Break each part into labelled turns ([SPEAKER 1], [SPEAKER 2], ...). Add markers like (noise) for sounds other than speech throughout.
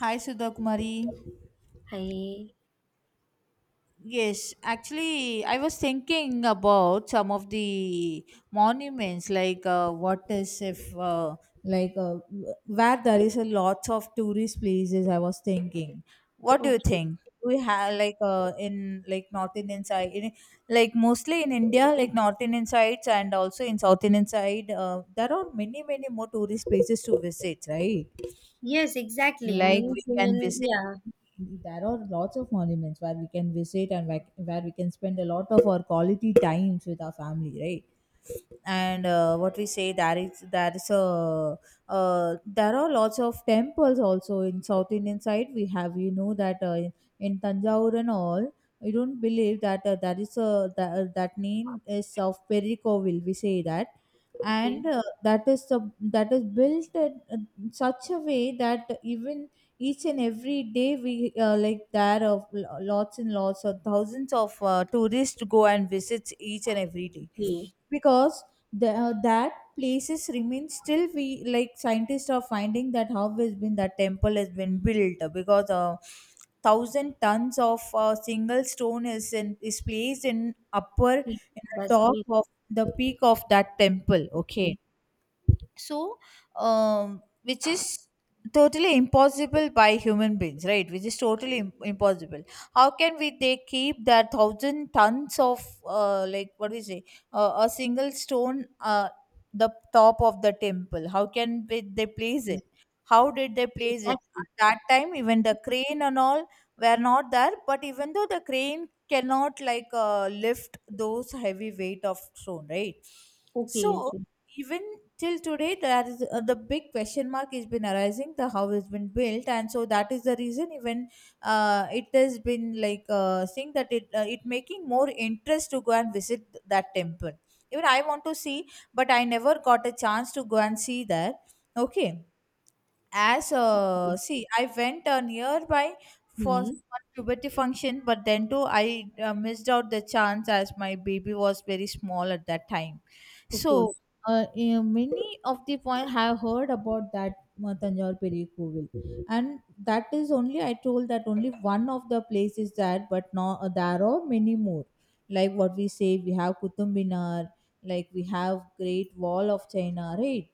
[SPEAKER 1] Hi, Sudha.
[SPEAKER 2] Hi.
[SPEAKER 1] I was thinking about some of the monuments, like what is if, like, where there is a lots of tourist places. I was thinking, what do you
[SPEAKER 2] Okay.
[SPEAKER 1] think? We have in North Indian side, in, like mostly in India, like North Indian sides and also in South Indian side, there are many more tourist places to visit, right?
[SPEAKER 2] Yes, exactly.
[SPEAKER 1] Like we
[SPEAKER 2] Means
[SPEAKER 1] can
[SPEAKER 2] mean
[SPEAKER 1] visit
[SPEAKER 2] yeah.
[SPEAKER 1] there are lots of monuments where we can visit and where we can spend a lot of our quality times with our family, right? And what we say there is a there are lots of temples also in south indian side. We have you know that in tanjavur and all. I don't believe that there is a that name is of perikovil we say that.
[SPEAKER 2] Okay.
[SPEAKER 1] And that is the, that is built in such a way that even each and every day we like there of lots and lots of thousands of tourists go and visit each and every day.
[SPEAKER 2] Okay.
[SPEAKER 1] Because that places remain still we like scientists are finding that how has been that temple has been built, because thousand tons of single stone is in is placed in upper
[SPEAKER 2] Okay.
[SPEAKER 1] in the
[SPEAKER 2] That's
[SPEAKER 1] top
[SPEAKER 2] great.
[SPEAKER 1] of the peak of that temple,
[SPEAKER 2] Okay.
[SPEAKER 1] okay. So which is totally impossible by human beings, right? Which is totally impossible. How can we they keep that thousand tons of like what do we say a single stone the top of the temple, how can they place
[SPEAKER 2] Yes,
[SPEAKER 1] it, how did they place it
[SPEAKER 2] exactly.
[SPEAKER 1] at that time? Even the crane and all were not there, but even though the crane cannot like lift those heavy weight of stone, right? So
[SPEAKER 2] Okay. Okay.
[SPEAKER 1] even till today there is the big question mark has been arising the how has been built, and so that is the reason even it has been like saying that it it making more interest to go and visit that temple. Even I want to see, but I never got a chance to go and see there, okay. As see, I went nearby for
[SPEAKER 2] Hmm.
[SPEAKER 1] one puberty function, but then too I missed out the chance as my baby was very small at that time.
[SPEAKER 2] Okay. Okay.
[SPEAKER 1] So many of the point have heard about that Tanjore Peri Kovil, and that is only I told that only one of the places that, but now there are many more. Like what we say, we have Qutub Minar, like we have Great Wall of China, right?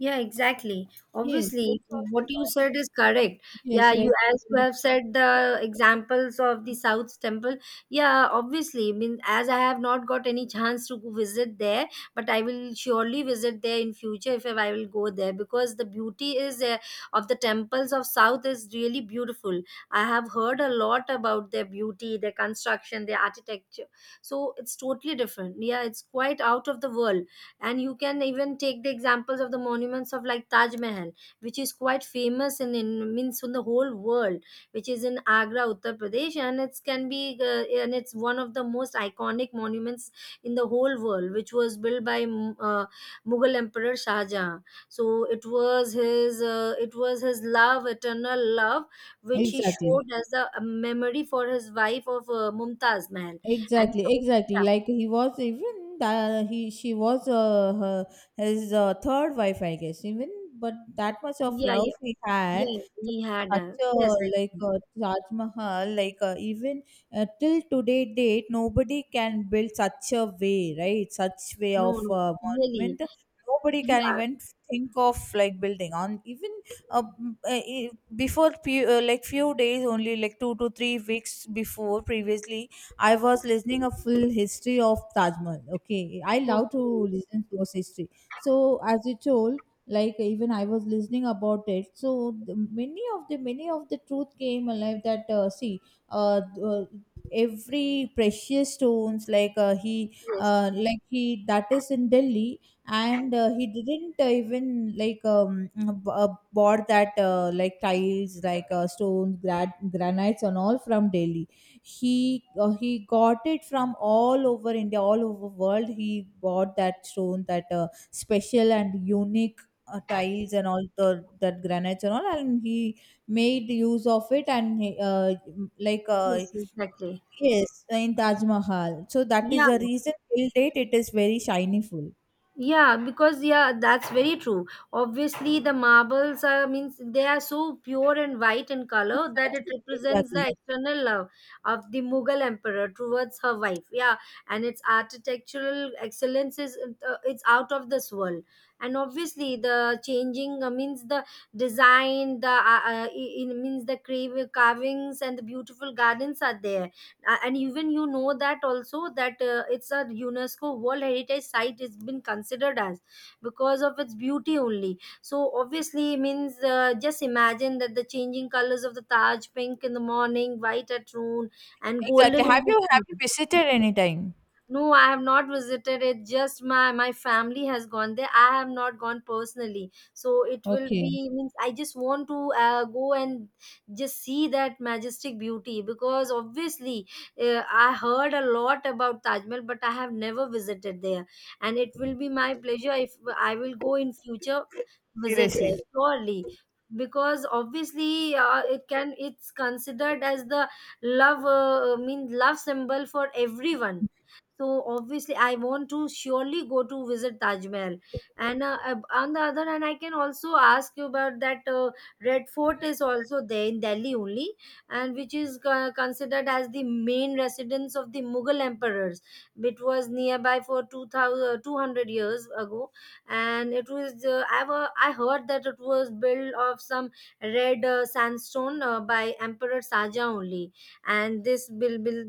[SPEAKER 2] Yeah, exactly.
[SPEAKER 1] Yes, that's
[SPEAKER 2] Obviously, what you
[SPEAKER 1] all.
[SPEAKER 2] said is correct. Yeah,
[SPEAKER 1] Yes,
[SPEAKER 2] you
[SPEAKER 1] right.
[SPEAKER 2] as you have said the examples of the South's temple. Yeah, obviously. I mean, as I have not got any chance to go visit there, but I will surely visit there in future if I will go there because the beauty is of the temples of South is really beautiful. I have heard a lot about their beauty, their construction, their architecture. So it's totally different. Yeah, it's quite out of the world, and you can even take the examples of the monuments of like Taj Mahal, which is quite famous in means in the whole world, which is in Agra, Uttar Pradesh, and it's can be and it's one of the most iconic monuments in the whole world, which was built by Mughal emperor Shah Jahan. So it was his love, eternal love, which he
[SPEAKER 1] Exactly.
[SPEAKER 2] showed as a memory for his wife of Mumtaz Mahal. And it's
[SPEAKER 1] Exactly,
[SPEAKER 2] also-
[SPEAKER 1] exactly.
[SPEAKER 2] yeah
[SPEAKER 1] Like he was even that he she was her, his third wife, I guess. Even but that much of
[SPEAKER 2] yeah
[SPEAKER 1] love
[SPEAKER 2] yeah.
[SPEAKER 1] he had
[SPEAKER 2] Yeah,
[SPEAKER 1] to
[SPEAKER 2] we had
[SPEAKER 1] such
[SPEAKER 2] a
[SPEAKER 1] a
[SPEAKER 2] yes,
[SPEAKER 1] like
[SPEAKER 2] actually.
[SPEAKER 1] a Taj Mahal, like even till today date, nobody can build such a way, right? Such way
[SPEAKER 2] No,
[SPEAKER 1] of
[SPEAKER 2] no, really.
[SPEAKER 1] monument. Nobody can
[SPEAKER 2] Yeah,
[SPEAKER 1] even think of like building on even uh, before few, like few days only, like 2 to 3 weeks before previously I was listening a full history of Taj Mahal. Okay, I love to
[SPEAKER 2] okay.
[SPEAKER 1] listen to those history. So as you told, like even I was listening about it. So the, many of the truth came alive. That see, uh, uh, every precious stones like he
[SPEAKER 2] Yes,
[SPEAKER 1] like he that is in Delhi. And he didn't even like bought that like tiles like stones granites and all from Delhi. He he got it from all over india, all over world. He bought that stone, that special and unique tiles and all the that granites and all, and he made use of it, and he, like
[SPEAKER 2] yes, exactly.
[SPEAKER 1] yes in taj mahal. So that
[SPEAKER 2] Yeah,
[SPEAKER 1] is the reason till date it is very shiny full.
[SPEAKER 2] yeah, because yeah, that's very true. Obviously, the marbles are means they are so pure and white in color that it
[SPEAKER 1] Exactly.
[SPEAKER 2] represents
[SPEAKER 1] Exactly.
[SPEAKER 2] the external love of the Mughal emperor towards her wife. Yeah, and its architectural excellence is it's out of this world. And obviously, the changing means the design, the it means the crave carvings and the beautiful gardens are there, a- and even you know that also that it's a UNESCO World Heritage Site. It's been considered as because of its beauty only, so obviously means just imagine that the changing colors of the Taj, pink in the morning, white at noon and
[SPEAKER 1] Exactly.
[SPEAKER 2] golden in the
[SPEAKER 1] Have you
[SPEAKER 2] evening.
[SPEAKER 1] visited any time?
[SPEAKER 2] No, I have not visited it. Just my family has gone there. I have not gone personally, so it will
[SPEAKER 1] Okay.
[SPEAKER 2] be means I just want to go and just see that majestic beauty because obviously I heard a lot about Taj Mahal, but I have never visited there, and it will be my pleasure if I will go in future visit there
[SPEAKER 1] Seriously.
[SPEAKER 2] surely because obviously it can, it's considered as the love mean love symbol for everyone. So obviously I want to surely go to visit Taj Mahal. And on the other hand, I can also ask you about that Red Fort is also there in Delhi only, and which is considered as the main residence of the Mughal emperors. It was nearby for 2,200 years ago, and it was I heard that it was built of some red sandstone by emperor Saja only. And this bill, bill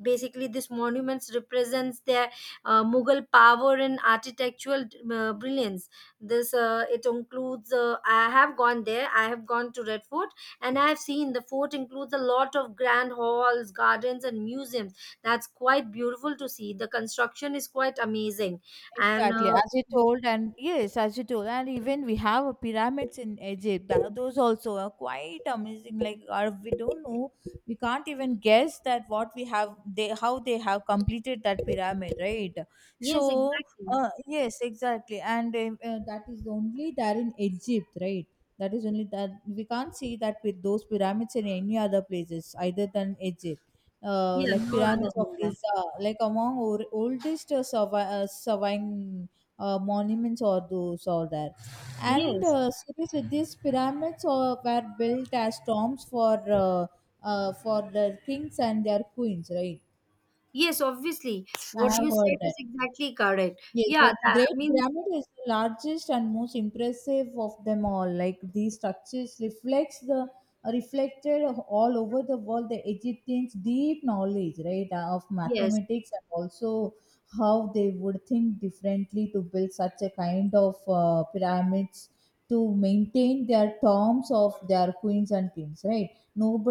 [SPEAKER 2] basically this monuments represents their Mughal power and architectural brilliance. This uh, it includes I have gone there, I have gone to Red Fort, and I have seen the fort includes a lot of grand halls, gardens and museums. That's quite beautiful to see. The construction is quite amazing. And
[SPEAKER 1] Exactly, as you told, and yes, as you told, and even we have a pyramids in Egypt. Those also are quite amazing. Like, are we don't know, we can't even guess that what we have, they how they have completed that pyramid, right?
[SPEAKER 2] yes,
[SPEAKER 1] So,
[SPEAKER 2] exactly,
[SPEAKER 1] yes, exactly, and that is only there in Egypt, right? That is only that we can't see that with those pyramids in any other places, either than Egypt.
[SPEAKER 2] yeah.
[SPEAKER 1] Like
[SPEAKER 2] No other
[SPEAKER 1] pyramids of
[SPEAKER 2] than that.
[SPEAKER 1] Giza, like among or, oldest surviving monuments or those or there. And
[SPEAKER 2] Yes.
[SPEAKER 1] seriously, these pyramids were built as tombs for the kings and their queens, right?
[SPEAKER 2] Yes, obviously.
[SPEAKER 1] I
[SPEAKER 2] What
[SPEAKER 1] have
[SPEAKER 2] you said
[SPEAKER 1] heard
[SPEAKER 2] is
[SPEAKER 1] that.
[SPEAKER 2] exactly correct.
[SPEAKER 1] Yes, the
[SPEAKER 2] Yeah, that
[SPEAKER 1] Great
[SPEAKER 2] means,
[SPEAKER 1] Pyramid is the largest and most impressive of them all. Like these structures reflects the reflected all over the world the Egyptians' deep knowledge, right, of
[SPEAKER 2] yes.
[SPEAKER 1] mathematics and also how they would think differently to build such a kind of pyramids to maintain their terms of their queens and kings, right?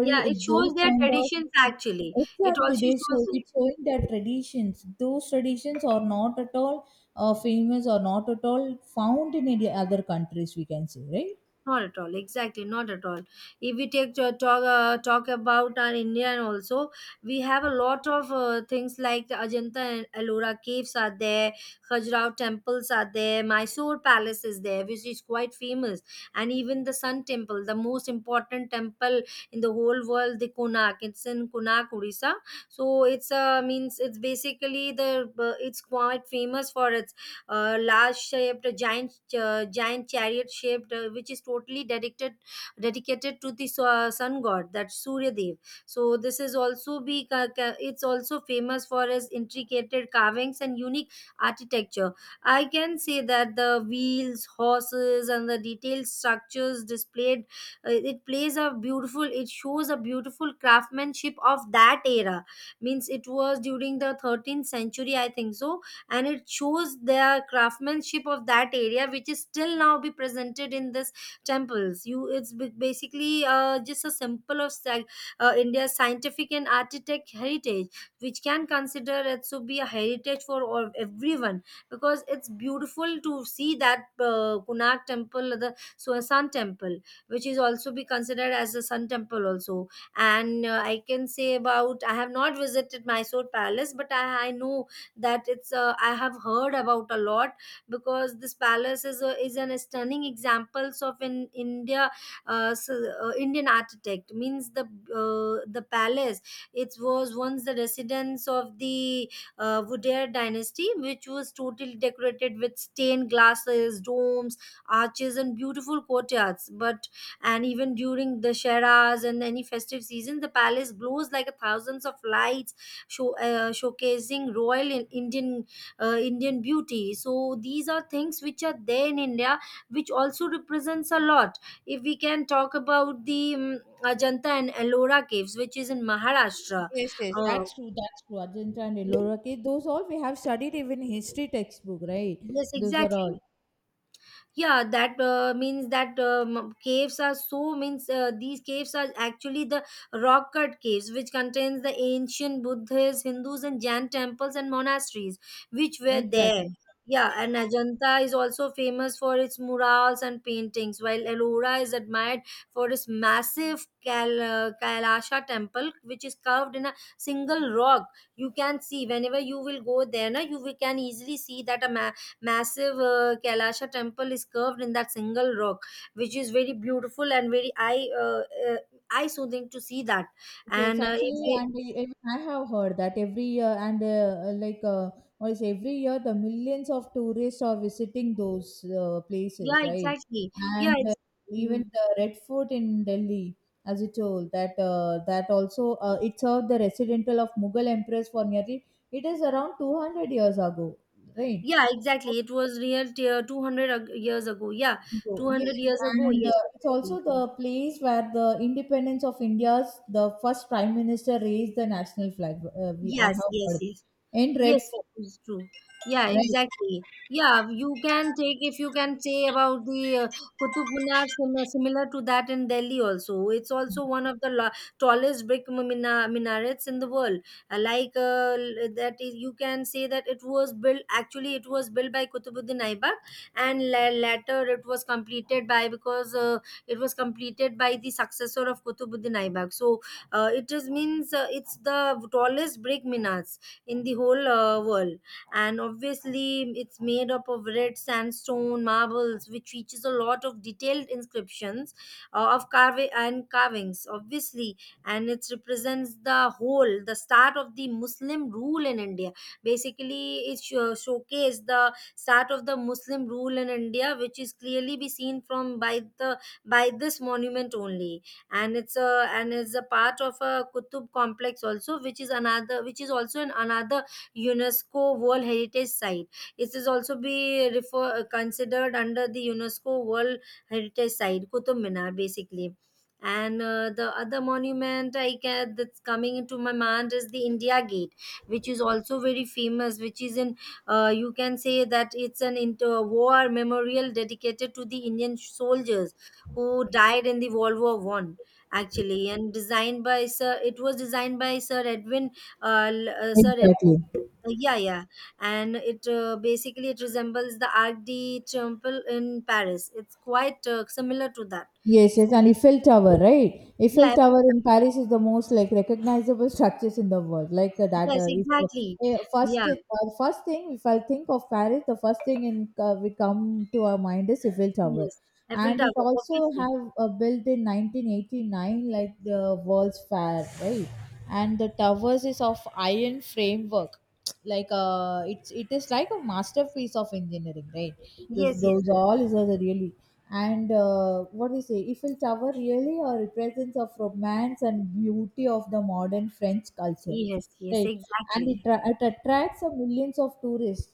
[SPEAKER 2] Yeah, it
[SPEAKER 1] those
[SPEAKER 2] shows their
[SPEAKER 1] kind of.
[SPEAKER 2] traditions actually. It
[SPEAKER 1] Exactly,
[SPEAKER 2] also
[SPEAKER 1] they show
[SPEAKER 2] shows.
[SPEAKER 1] it's showing their traditions. Those traditions are not at all famous or not at all found in any other countries we can say, right?
[SPEAKER 2] Not at all. Exactly, not at all. If we take to talk about our Indian also, we have a lot of things like the Ajanta and Ellora caves are there, Khajuraho temples are there, Mysore Palace is there, which is quite famous, and even the Sun Temple, the most important temple in the whole world, the Konark. It's in Konark, Odisha. So it's means it's basically the it's quite famous for its large shaped giant, giant chariot shaped, which is totally dedicated to the sun god, that Surya Dev. So this is also be it's also famous for its intricate carvings and unique architecture. I can say that the wheels, horses and the detailed structures displayed, it plays a beautiful, it shows a beautiful craftsmanship of that era. Means it was during the 13th century, I think so, and it shows their craftsmanship of that area, which is still now be presented in this temples. You it's basically just a symbol of India's scientific and architect heritage, which can consider it to be a heritage for all, everyone, because it's beautiful to see that Kunark temple, the so sun temple, which is also be considered as a sun temple also. And I can say about I have not visited Mysore Palace, but I know that it's I have heard about a lot because this palace is a, is an stunning examples of in India, s Indian architect means the palace, it was once the residence of the Wodeyar dynasty, which was totally decorated with stained glasses, domes, arches and beautiful courtyards but, and even during the sheras and any festive season the palace glows like a thousands of lights, showcasing royal in Indian, Indian beauty. So these are things which are there in India, which also represents a lot. If we can talk about the Ajanta and Ellora caves, which is in Maharashtra.
[SPEAKER 1] Yes, yes,
[SPEAKER 2] Uh,
[SPEAKER 1] that's true. That's true. Ajanta and Ellora cave, those all we have studied even history textbook, right?
[SPEAKER 2] yes,
[SPEAKER 1] Those are
[SPEAKER 2] exactly.
[SPEAKER 1] all
[SPEAKER 2] Yeah, that means that caves are so means these caves are actually the rock cut caves which contains the ancient Buddhists, Hindus and Jain temples and monasteries which were there.
[SPEAKER 1] exactly.
[SPEAKER 2] Yeah, and Ajanta is also famous for its murals and paintings, while Ellora is admired for its massive Kailasha temple, which is carved in a single rock. You can see whenever you will go there na you will, can easily see that a massive Kailasha temple is curved in that single rock, which is very beautiful and very eye uh, eye soothing to see that.
[SPEAKER 1] Yes,
[SPEAKER 2] And if
[SPEAKER 1] actually,
[SPEAKER 2] we,
[SPEAKER 1] and I even I have heard that every year, and like what is every year, the millions of tourists are visiting those places,
[SPEAKER 2] yeah,
[SPEAKER 1] right?
[SPEAKER 2] exactly, yeah,
[SPEAKER 1] And
[SPEAKER 2] it's.
[SPEAKER 1] even
[SPEAKER 2] Mm.
[SPEAKER 1] the Red Fort in Delhi, as you told, that that also it served the residential of Mughal empress for nearly it is around 200 years ago, right?
[SPEAKER 2] Yeah, exactly. It was real 200 years ago. Yeah,
[SPEAKER 1] So, yes,
[SPEAKER 2] 200 years ago.
[SPEAKER 1] and
[SPEAKER 2] Yes,
[SPEAKER 1] it's
[SPEAKER 2] exactly.
[SPEAKER 1] also the place where the independence of India's the first prime minister raised the national flag. We I
[SPEAKER 2] Yes,
[SPEAKER 1] have
[SPEAKER 2] yes,
[SPEAKER 1] heard
[SPEAKER 2] yes.
[SPEAKER 1] in Red
[SPEAKER 2] Yes,
[SPEAKER 1] Fort,
[SPEAKER 2] it is true. Yeah,
[SPEAKER 1] right?
[SPEAKER 2] exactly. Yeah, you can take if you can say about the Qutub Minar, similar to that in Delhi also. It's also one of the lo tallest brick minarets in the world. That is, you can say that it was built by Qutbuddin Aibak, and la later it was completed by because it was completed by the successor of Qutbuddin Aibak. So it is means it's the tallest brick minars in the whole world. And obviously, it's made up of red sandstone marbles, which features a lot of detailed inscriptions of carving and carvings, obviously. And it represents the whole, the start of the Muslim rule in India. Basically, it showcased the start of the Muslim rule in India, which is clearly be seen from by the by this monument only. And it's a and is a part of a Kutub complex also, which is another, which is also an another UNESCO World Heritage Site. It is also be considered under the UNESCO World Heritage Site, Kutub Minar basically. And the other monument I can, that's coming into my mind is the India Gate, which is also very famous. Which is in you can say that it's an inter war memorial dedicated to the Indian soldiers who died in the World War I actually, and designed by sir Edwin sir Ed,
[SPEAKER 1] Exactly.
[SPEAKER 2] yeah, yeah. And it basically it resembles the Arc de Triomphe in Paris, it's quite similar to that.
[SPEAKER 1] Yes, yes,
[SPEAKER 2] So
[SPEAKER 1] and Eiffel Tower, right?
[SPEAKER 2] yeah,
[SPEAKER 1] Eiffel
[SPEAKER 2] Eiffel
[SPEAKER 1] Tower
[SPEAKER 2] Tower.
[SPEAKER 1] in Paris is the most like recognizable structures in the world. Like that,
[SPEAKER 2] Yes,
[SPEAKER 1] if
[SPEAKER 2] exactly.
[SPEAKER 1] eh, first
[SPEAKER 2] Yeah.
[SPEAKER 1] first thing, if I think of Paris, the first thing in we come to our mind is Eiffel Tower,
[SPEAKER 2] Yes, Eiffel
[SPEAKER 1] and it
[SPEAKER 2] Tower,
[SPEAKER 1] also
[SPEAKER 2] obviously.
[SPEAKER 1] have built in 1989, like the World's Fair, right? And the towers is of iron framework, like it is like a masterpiece of engineering, right? This
[SPEAKER 2] Yes, yes,
[SPEAKER 1] those
[SPEAKER 2] yes.
[SPEAKER 1] all is a really. And what we say, eiffel tower really a represents of romance and beauty of the modern french culture,
[SPEAKER 2] Yes, yes,
[SPEAKER 1] right? And it,
[SPEAKER 2] exactly.
[SPEAKER 1] it attracts a millions of tourists.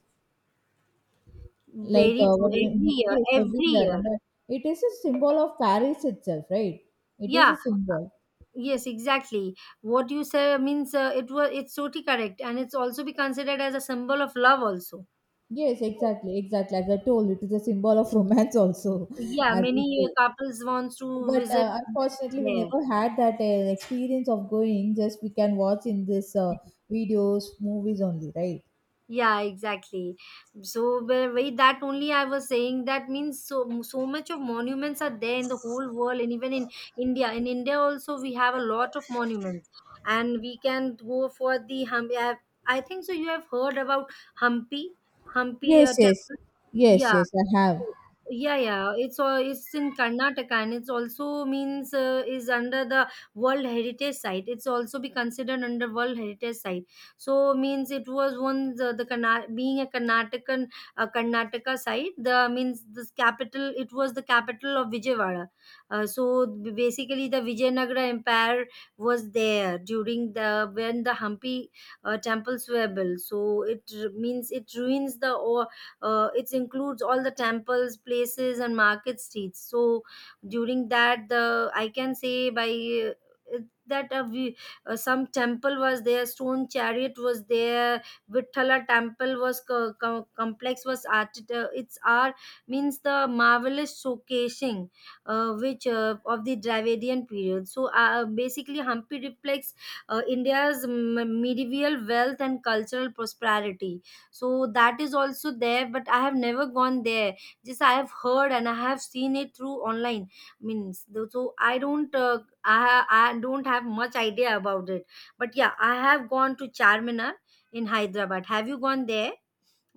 [SPEAKER 1] Like
[SPEAKER 2] Very true. Every year,
[SPEAKER 1] yes,
[SPEAKER 2] every
[SPEAKER 1] every year,
[SPEAKER 2] year.
[SPEAKER 1] and it is a symbol of paris itself, right? It is
[SPEAKER 2] Yeah.
[SPEAKER 1] a symbol.
[SPEAKER 2] Yes, exactly. What you say means it was it's totally correct, and it's also be considered as a symbol of love also.
[SPEAKER 1] Yes, exactly, exactly, as I told, it is a symbol of romance also. (laughs)
[SPEAKER 2] Yeah,
[SPEAKER 1] As we
[SPEAKER 2] many
[SPEAKER 1] say.
[SPEAKER 2] couples wants to
[SPEAKER 1] But
[SPEAKER 2] visit
[SPEAKER 1] unfortunately, we
[SPEAKER 2] there.
[SPEAKER 1] never had that experience of going. Just we can watch in this videos, movies only, right?
[SPEAKER 2] Yeah, exactly. So where that only I was saying that means so so much of monuments are there in the whole world and even in India. In India also we have a lot of monuments, and we can go for the Hampi. I think so. You have heard about Hampi, Hampi
[SPEAKER 1] Yes, yes,
[SPEAKER 2] temple.
[SPEAKER 1] yes,
[SPEAKER 2] Yeah,
[SPEAKER 1] yes. I have.
[SPEAKER 2] yeah, yeah. It's all it's in Karnataka, and it's also means is under the World Heritage Site. It's also be considered under World Heritage Site. So means it was once the being a Karnataka, Karnataka site. The means this capital. It was the capital of Vijayawada. Basically, the Vijayanagara Empire was there during the when the Hampi temples were built. So means it ruins it includes all the temples places and market streets. So during that the I can say by it- that we, some temple was there, stone chariot was there. Vithala temple was complex was art, its art means the marvelous showcasing, which of the Dravidian period. So basically, Hampi reflects India's medieval wealth and cultural prosperity, so that is also there. But I have never gone there, just I have heard and I have seen it through online. Means though- so I don't I don't have much idea about it, but yeah, I have gone to Charminar in Hyderabad. Have you gone there?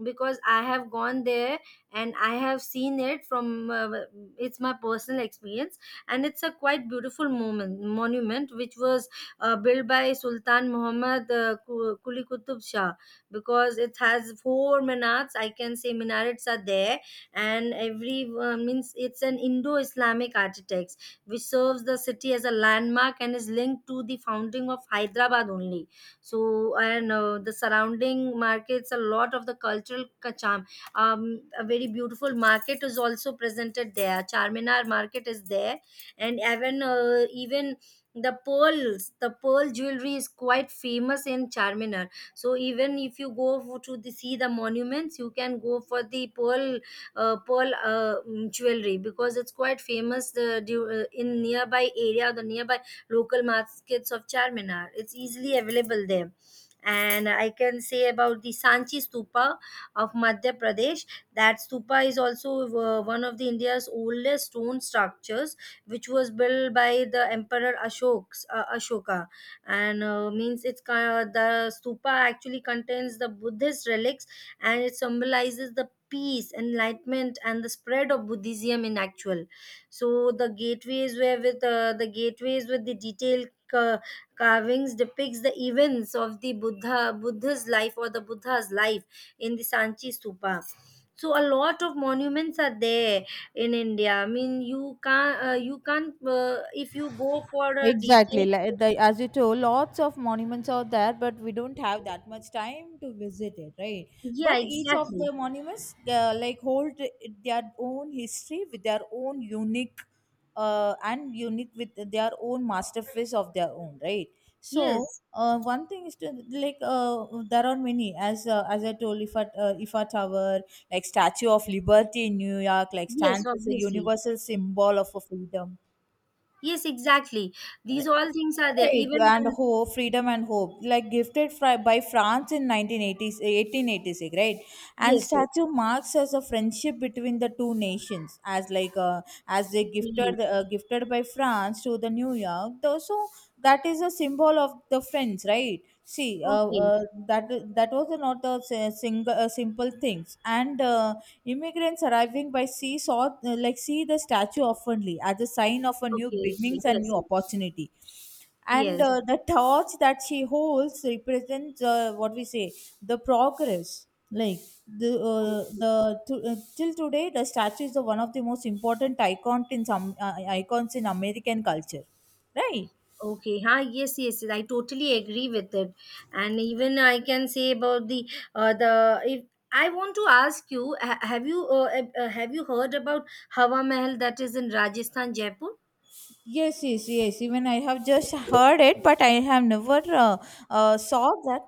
[SPEAKER 2] Because I have gone there, and I have seen it from it's my personal experience, and it's a quite beautiful moment monument which was built by Sultan Muhammad Kuli Qutub Shah, because it has four minarets, I can say minarets are there. And every means it's an Indo-Islamic architects, which serves the city as a landmark and is linked to the founding of Hyderabad only. So and the surrounding markets, a lot of the cultural charm. Um, a very beautiful market is also presented there, Charminar market is there. And even the pearls, the pearl jewelry is quite famous in Charminar. So even if you go for, to the, see the monuments, you can go for the pearl jewelry, because it's quite famous in nearby area, the nearby local markets of Charminar. It's easily available there. And I can say about the Sanchi Stupa of Madhya Pradesh. That stupa is also one of the India's oldest stone structures, which was built by the Emperor Ashoka. And means it's the stupa actually contains the Buddhist relics, and it symbolizes the peace, enlightenment, and the spread of Buddhism in actual. So the gateways with the detailed carvings depicts the events of the Buddha's life, or the Buddha's life in the Sanchi Stupa. So a lot of monuments are there in India. I mean, you can't if you go for a
[SPEAKER 1] Exactly.
[SPEAKER 2] detail.
[SPEAKER 1] Like the, as you told, lots of monuments are there, but we don't have that much time to visit it, right?
[SPEAKER 2] Yeah,
[SPEAKER 1] But each of
[SPEAKER 2] exactly.
[SPEAKER 1] the monuments, like hold their own history with their own unique, and unique with their own masterpiece of their own, right? So,
[SPEAKER 2] Yes,
[SPEAKER 1] one thing is to like there are many as I told Ifa Ifa Tower, like Statue of Liberty in New York, like
[SPEAKER 2] yes,
[SPEAKER 1] stands as a
[SPEAKER 2] obviously.
[SPEAKER 1] universal symbol of a freedom.
[SPEAKER 2] Yes, exactly. These all things are there.
[SPEAKER 1] Right,
[SPEAKER 2] Even
[SPEAKER 1] and
[SPEAKER 2] when,
[SPEAKER 1] hope, freedom and hope, like gifted by France in 1980s, 1886, right? And
[SPEAKER 2] yes, yes.
[SPEAKER 1] statue marks as a friendship between the two nations, as like as they
[SPEAKER 2] Okay,
[SPEAKER 1] gifted gifted by France to the New York. Though, so that is a symbol of the friends, right? See,
[SPEAKER 2] okay,
[SPEAKER 1] that that was not a single simple things, and immigrants arriving by sea saw like see the statue oftenly as a sign of a new
[SPEAKER 2] okay. Okay.
[SPEAKER 1] beginnings and
[SPEAKER 2] Yes,
[SPEAKER 1] new opportunity. And
[SPEAKER 2] yes.
[SPEAKER 1] the torch that she holds represents what we say, the progress like the till today the statue is the one of the most important icons in some icons in american culture, right?
[SPEAKER 2] Okay, huh? Yes, yes, yes, I totally agree with it, and even I can say about the if I want to ask you, have you heard about Hawa Mahal that is in Rajasthan, Jaipur?
[SPEAKER 1] Yes, yes, yes, even I have just heard it, but I have never saw that.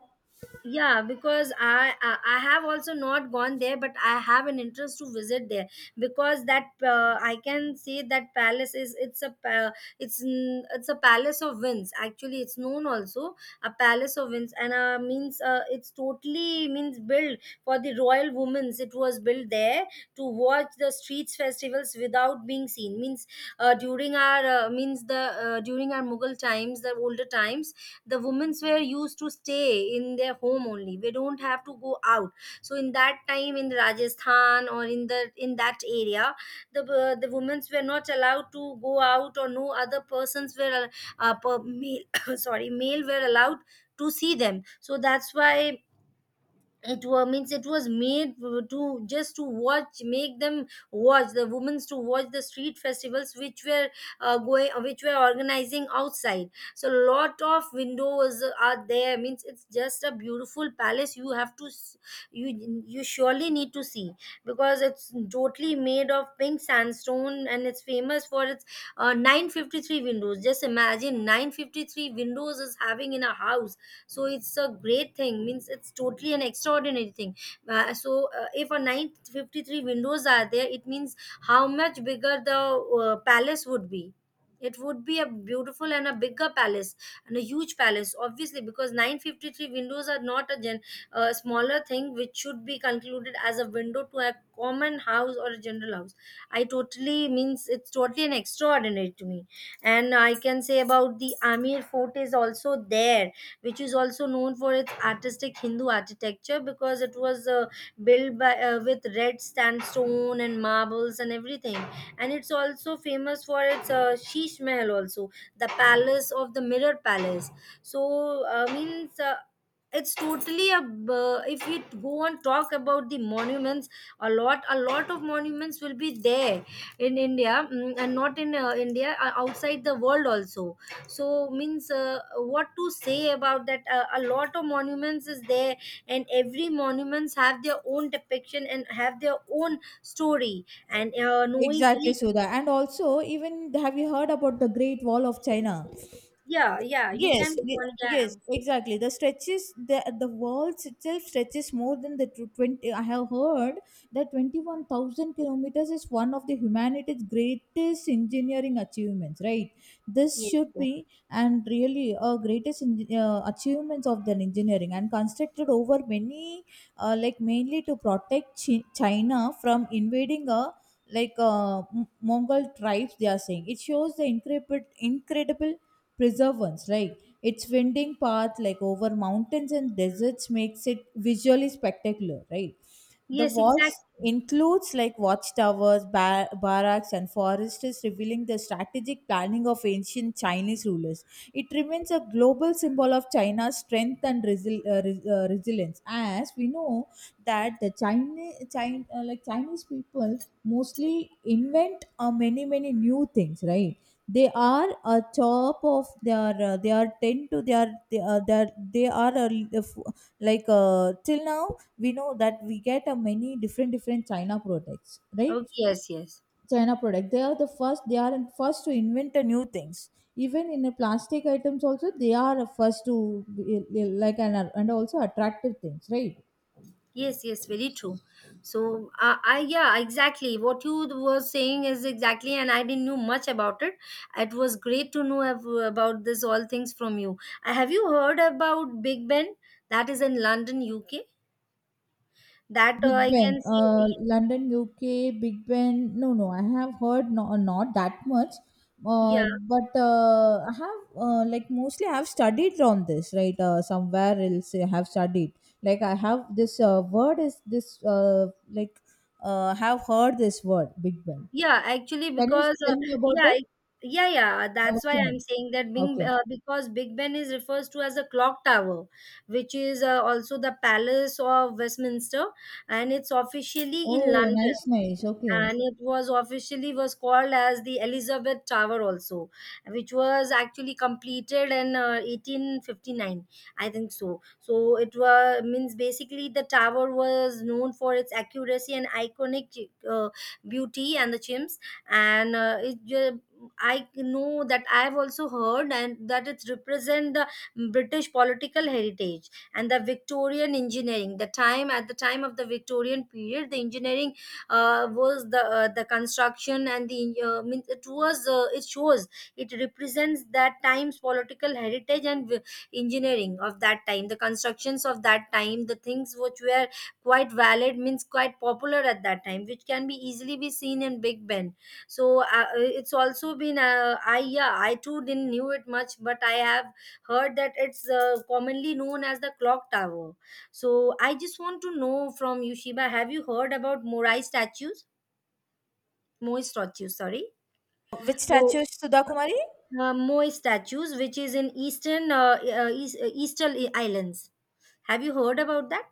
[SPEAKER 2] Yeah, because I have also not gone there, but I have an interest to visit there. Because that I can say that palace is it's a it's a palace of winds actually, it's known also a palace of winds. And means it's totally means built for the royal women's, it was built there to watch the streets festivals without being seen. Means during our means the During our Mughal times, the older times, the women's were used to stay in their home only, we don't have to go out. So in that time in Rajasthan, or in that area, the the women's were not allowed to go out, or no other persons were uh, per, male, (coughs) sorry, male were allowed to see them. So that's why it was made, to just to watch, make them watch the women's to watch the street festivals which were going which were organizing outside. So lot of windows are there, means it's just a beautiful palace, you have to you surely need to see. Because it's totally made of pink sandstone, and it's famous for its 953 windows. Just imagine 953 windows is having in a house. So it's a great thing, means it's totally an extraordinary thing. If a 953 windows are there, it means how much bigger the palace would be. It would be a beautiful and a bigger palace, and a huge palace obviously, because 953 windows are not a a smaller thing which should be concluded as a window to a common house or a general house. I totally means it's totally an extraordinary to me. And I can say about the Amir Fort is also there, which is also known for its artistic Hindu architecture, because it was built by with red sandstone and marbles and everything. And it's also famous for its Sheesh Mahal, also the palace of the Mirror Palace. So means. It's totally a if we go and talk about the monuments, a lot of monuments will be there in India, and not in India, outside the world also. So means what to say about that, a lot of monuments is there, and every monuments have their own depiction and have their own story, and knowing
[SPEAKER 1] Exactly,
[SPEAKER 2] each.
[SPEAKER 1] Sudha, and also even, have you heard about the great wall of china?
[SPEAKER 2] Yeah, yeah, you
[SPEAKER 1] Yes,
[SPEAKER 2] can go on, yeah.
[SPEAKER 1] yes, exactly. The stretches, the walls itself stretches more than the 20. I have heard that 21,000 kilometers is one of the humanity's greatest engineering achievements, right? This
[SPEAKER 2] Yes,
[SPEAKER 1] should
[SPEAKER 2] yes,
[SPEAKER 1] be and really a greatest achievements of the engineering and constructed over many, like mainly to protect China from invading a like Mongol tribes. They are saying it shows the incredible Preservance, right? Its winding path, like over mountains and deserts, makes it visually spectacular, right? The
[SPEAKER 2] yes,
[SPEAKER 1] walls
[SPEAKER 2] exactly.
[SPEAKER 1] includes like watchtowers, barracks, and forests, revealing the strategic planning of ancient Chinese rulers. It remains a global symbol of China's strength and resilience. As we know that the Chinese, China, like Chinese people mostly invent many new things, right? They are a top of their, they are tend to their, they are, they are, they are a, like Till now we know that we get a many different china products, right?
[SPEAKER 2] Okay, yes, yes.
[SPEAKER 1] China product, they are the first, they are in first to invent a new things. Even in a plastic items also they are a first to and also attractive things, right?
[SPEAKER 2] Yes, yes, very true. So, I yeah, exactly. What you were saying is exactly, and I didn't know much about it. It was great to know about this all things from you. Have you heard about Big Ben? That is in London, UK. That
[SPEAKER 1] Big
[SPEAKER 2] I
[SPEAKER 1] Ben,
[SPEAKER 2] can see.
[SPEAKER 1] London, UK, Big Ben. No, no, I have heard no, not that much,
[SPEAKER 2] Yeah,
[SPEAKER 1] uh, but I have like mostly I have studied on this, right? Somewhere else I have studied. Like I have this word is this like have heard this word Big Ben.
[SPEAKER 2] yeah. Actually,
[SPEAKER 1] Can you
[SPEAKER 2] because
[SPEAKER 1] tell me about
[SPEAKER 2] yeah,
[SPEAKER 1] it?
[SPEAKER 2] I- yeah, yeah,
[SPEAKER 1] I
[SPEAKER 2] that's
[SPEAKER 1] want
[SPEAKER 2] why
[SPEAKER 1] to know.
[SPEAKER 2] I'm saying that being
[SPEAKER 1] Okay.
[SPEAKER 2] because Big Ben is refers to as a clock tower, which is also the palace of Westminster, and it's officially in
[SPEAKER 1] Oh,
[SPEAKER 2] London.
[SPEAKER 1] nice, nice. Okay.
[SPEAKER 2] And it was officially was called as the Elizabeth Tower also, which was actually completed in 1859, I think so. So it was means basically the tower was known for its accuracy and iconic beauty and the chimps. And I know that I've also heard and that it represent the British political heritage and the Victorian engineering. The time At the time of the Victorian period, the engineering was the construction, and the means it was it shows, it represents that time's political heritage and engineering of that time, the constructions of that time, the things which were quite valid, means quite popular at that time, which can be easily be seen in Big Ben. So it's also been I yeah, I too didn't knew it much, but I have heard that it's commonly known as the clock tower. So I just want to know from you, Shiba, have you heard about Morai statues? Moai statues, sorry.
[SPEAKER 1] Which statue
[SPEAKER 2] So
[SPEAKER 1] is Sudha Kumari?
[SPEAKER 2] Moai statues, which is in eastern islands. Have you heard about that?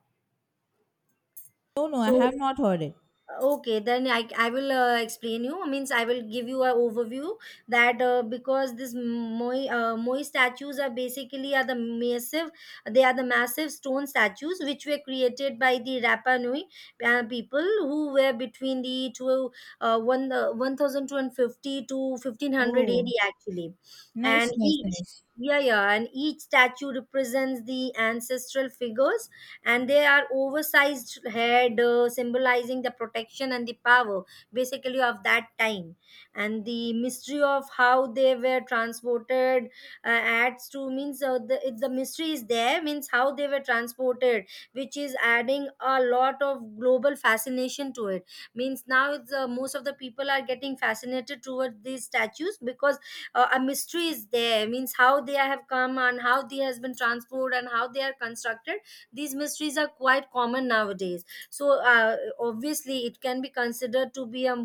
[SPEAKER 1] No, no, I
[SPEAKER 2] So
[SPEAKER 1] have not heard it.
[SPEAKER 2] okay, then I will explain you, means I will give you an overview, that because this moi statues are basically are the massive, they are the massive stone statues which were created by the Rapa Nui people, who were between 1250 to 1500
[SPEAKER 1] Oh,
[SPEAKER 2] AD actually. And
[SPEAKER 1] nice, nice,
[SPEAKER 2] each
[SPEAKER 1] nice.
[SPEAKER 2] yeah, yeah, and each statue represents the ancestral figures, and they are oversized head, symbolizing the protection and the power basically of that time. And the mystery of how they were transported adds to, means if the mystery is there, means how they were transported, which is adding a lot of global fascination to it. Means now most of the people are getting fascinated towards these statues, because a mystery is there, means how they have come and how they has been transported and how they are constructed. These mysteries are quite common nowadays. So obviously it can be considered to be a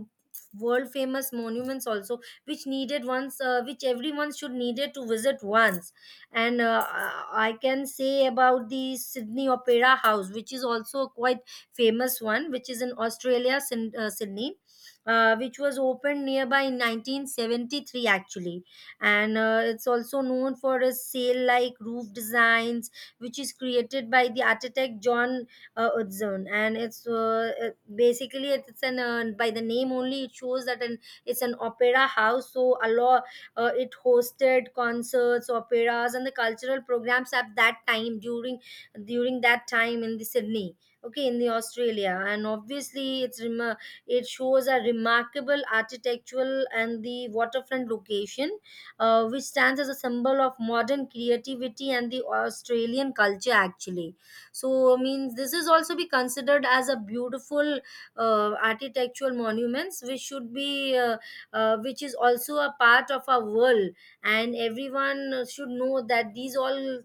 [SPEAKER 2] world famous monuments also, which everyone should needed to visit once. And I can say about the Sydney Opera House, which is also a quite famous one, which is in Australia, Sydney, which was opened nearby in 1973 actually. And it's also known for its sail like roof designs, which is created by the architect John Utzon. And it's basically it's an by the name only it shows that an it's an opera house. So a lot, it hosted concerts, operas, and the cultural programs at that time, during that time in the Sydney. Okay, in the Australia, and obviously it shows a remarkable architectural and the waterfront location, which stands as a symbol of modern creativity and the Australian culture actually. So means this is also be considered as a beautiful architectural monuments, which should be which is also a part of our world, and everyone should know that these all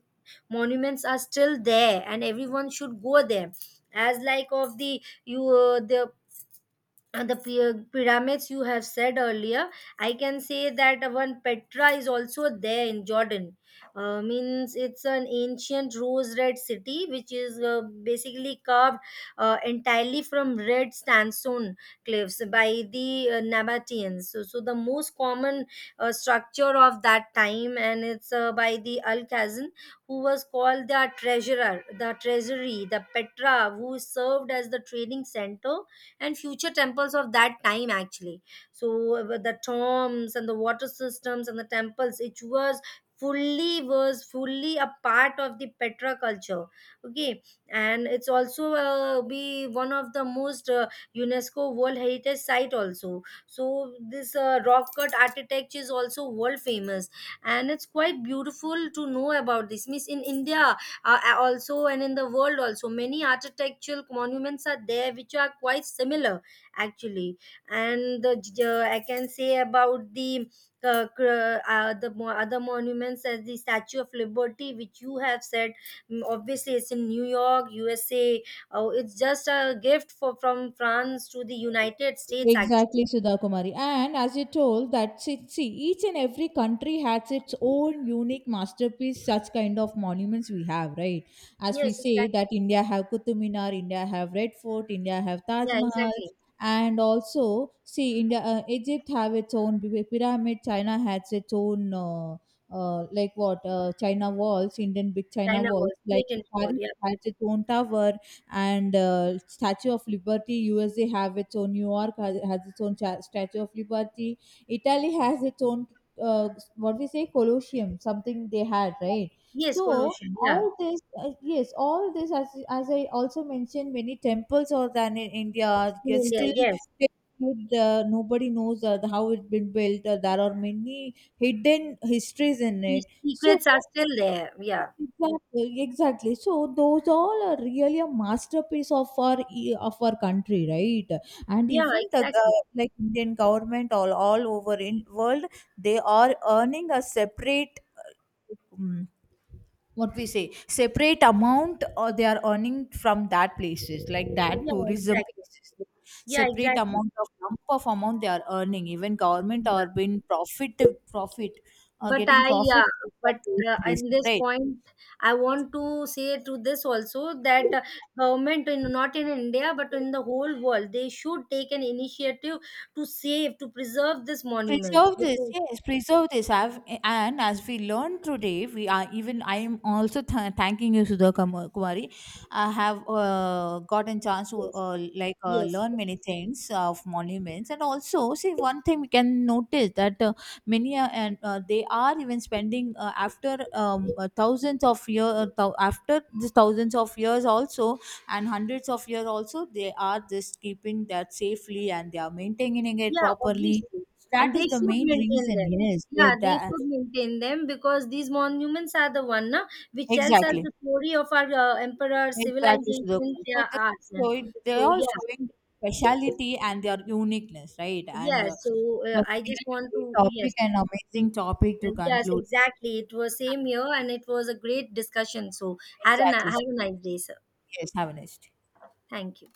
[SPEAKER 2] monuments are still there, and everyone should go there, as like of the pyramids you have said earlier. I can say that one Petra is also there in Jordan. Means it's an ancient rose red city, which is basically carved entirely from red sandstone cliffs by the Nabateans, so the most common structure of that time. And it's by the Al Khazan, who was called the treasurer, the treasury, the Petra, who served as the trading center and future temples of that time actually. So with the tombs and the water systems and the temples, it was fully a part of the Petra culture. Okay. And it's also be one of the most UNESCO World Heritage Site also. So this rock cut architecture is also world famous, and it's quite beautiful to know about this, means in India, also, and in the world also, many architectural monuments are there which are quite similar actually. And the, I can say about the other monuments, as the Statue of Liberty which you have said. Obviously it's in New York, USA. Oh, it's just a gift for from France to the United States actually.
[SPEAKER 1] Exactly, Sudha Kumari. And as you told that, see, see, each and every country has its own unique masterpiece, such kind of monuments we have, right? As we
[SPEAKER 2] Yes,
[SPEAKER 1] say
[SPEAKER 2] exactly.
[SPEAKER 1] that India have Qutub Minar, India have Red Fort, India have Taj
[SPEAKER 2] Yeah,
[SPEAKER 1] Mahal,
[SPEAKER 2] exactly.
[SPEAKER 1] and also see India, Egypt have its own pyramid, China has its own like what, China walls, Indian big China
[SPEAKER 2] China
[SPEAKER 1] walls,
[SPEAKER 2] was
[SPEAKER 1] like
[SPEAKER 2] great in Nepal.
[SPEAKER 1] Paris
[SPEAKER 2] Yeah.
[SPEAKER 1] has its own tower, and Statue of Liberty, USA have its own. New York has its own Statue of Liberty. Italy has its own. Uh, what we say, Colosseum, something they had, right?
[SPEAKER 2] Yes,
[SPEAKER 1] So
[SPEAKER 2] colossian, yeah.
[SPEAKER 1] all this, yes, all this, as I also mentioned, many temples are there in India.
[SPEAKER 2] In
[SPEAKER 1] Yet
[SPEAKER 2] India,
[SPEAKER 1] still,
[SPEAKER 2] yes.
[SPEAKER 1] nobody knows how it's been built. There are many hidden histories in
[SPEAKER 2] These
[SPEAKER 1] it. So
[SPEAKER 2] secrets are still there. Yeah.
[SPEAKER 1] yes, exactly, exactly. So those all are really a masterpiece of our of our country, right? And
[SPEAKER 2] Yeah,
[SPEAKER 1] even the
[SPEAKER 2] exactly.
[SPEAKER 1] like Indian government all over in world, they are earning a separate uh, um, what we say, separate amount, or they are earning from that places, like that
[SPEAKER 2] Yeah,
[SPEAKER 1] tourism
[SPEAKER 2] exactly.
[SPEAKER 1] places,
[SPEAKER 2] Yeah,
[SPEAKER 1] separate
[SPEAKER 2] exactly.
[SPEAKER 1] amount of lump of amount they are earning, even government
[SPEAKER 2] Yeah.
[SPEAKER 1] are being profit, profit
[SPEAKER 2] But
[SPEAKER 1] getting profit
[SPEAKER 2] yeah,
[SPEAKER 1] from
[SPEAKER 2] but
[SPEAKER 1] those
[SPEAKER 2] in
[SPEAKER 1] places,
[SPEAKER 2] this
[SPEAKER 1] right?
[SPEAKER 2] point, I want to say to this also that government, not in India, but in the whole world, they should take an initiative to save, to preserve these monuments,
[SPEAKER 1] Preserve this,
[SPEAKER 2] because,
[SPEAKER 1] yes, preserve this. I've, and as we learned today, we are, even I am also thanking you Sudha Kumari. I have gotten chance to
[SPEAKER 2] yes, yes.
[SPEAKER 1] learn many things of monuments. And also see one thing we can notice, that many and they are even spending after thousands of year, after this thousands of years also and hundreds of years also, they are just keeping that safely and they are maintaining it
[SPEAKER 2] Yeah,
[SPEAKER 1] properly.
[SPEAKER 2] obviously.
[SPEAKER 1] That
[SPEAKER 2] And they
[SPEAKER 1] is the
[SPEAKER 2] should
[SPEAKER 1] main
[SPEAKER 2] maintain
[SPEAKER 1] reason.
[SPEAKER 2] them.
[SPEAKER 1] Yes, yeah,
[SPEAKER 2] Yeah, they
[SPEAKER 1] that
[SPEAKER 2] should maintain them, because these monuments are the one na, which tells us
[SPEAKER 1] exactly,
[SPEAKER 2] the story of our emperor,
[SPEAKER 1] exactly.
[SPEAKER 2] civilization,
[SPEAKER 1] Sudhakar. So
[SPEAKER 2] their
[SPEAKER 1] they
[SPEAKER 2] arts. And
[SPEAKER 1] show it, they're
[SPEAKER 2] so,
[SPEAKER 1] all
[SPEAKER 2] yeah,
[SPEAKER 1] showing speciality and their uniqueness, right?
[SPEAKER 2] yeah.
[SPEAKER 1] And
[SPEAKER 2] So
[SPEAKER 1] it was a
[SPEAKER 2] I just
[SPEAKER 1] really
[SPEAKER 2] want
[SPEAKER 1] great
[SPEAKER 2] to, yes,
[SPEAKER 1] topic and amazing topic to
[SPEAKER 2] yes,
[SPEAKER 1] conclude.
[SPEAKER 2] exactly. It was same here, and it was a great discussion. So
[SPEAKER 1] Exactly.
[SPEAKER 2] have a nice day, sir.
[SPEAKER 1] Yes, have a nice day.
[SPEAKER 2] Thank you.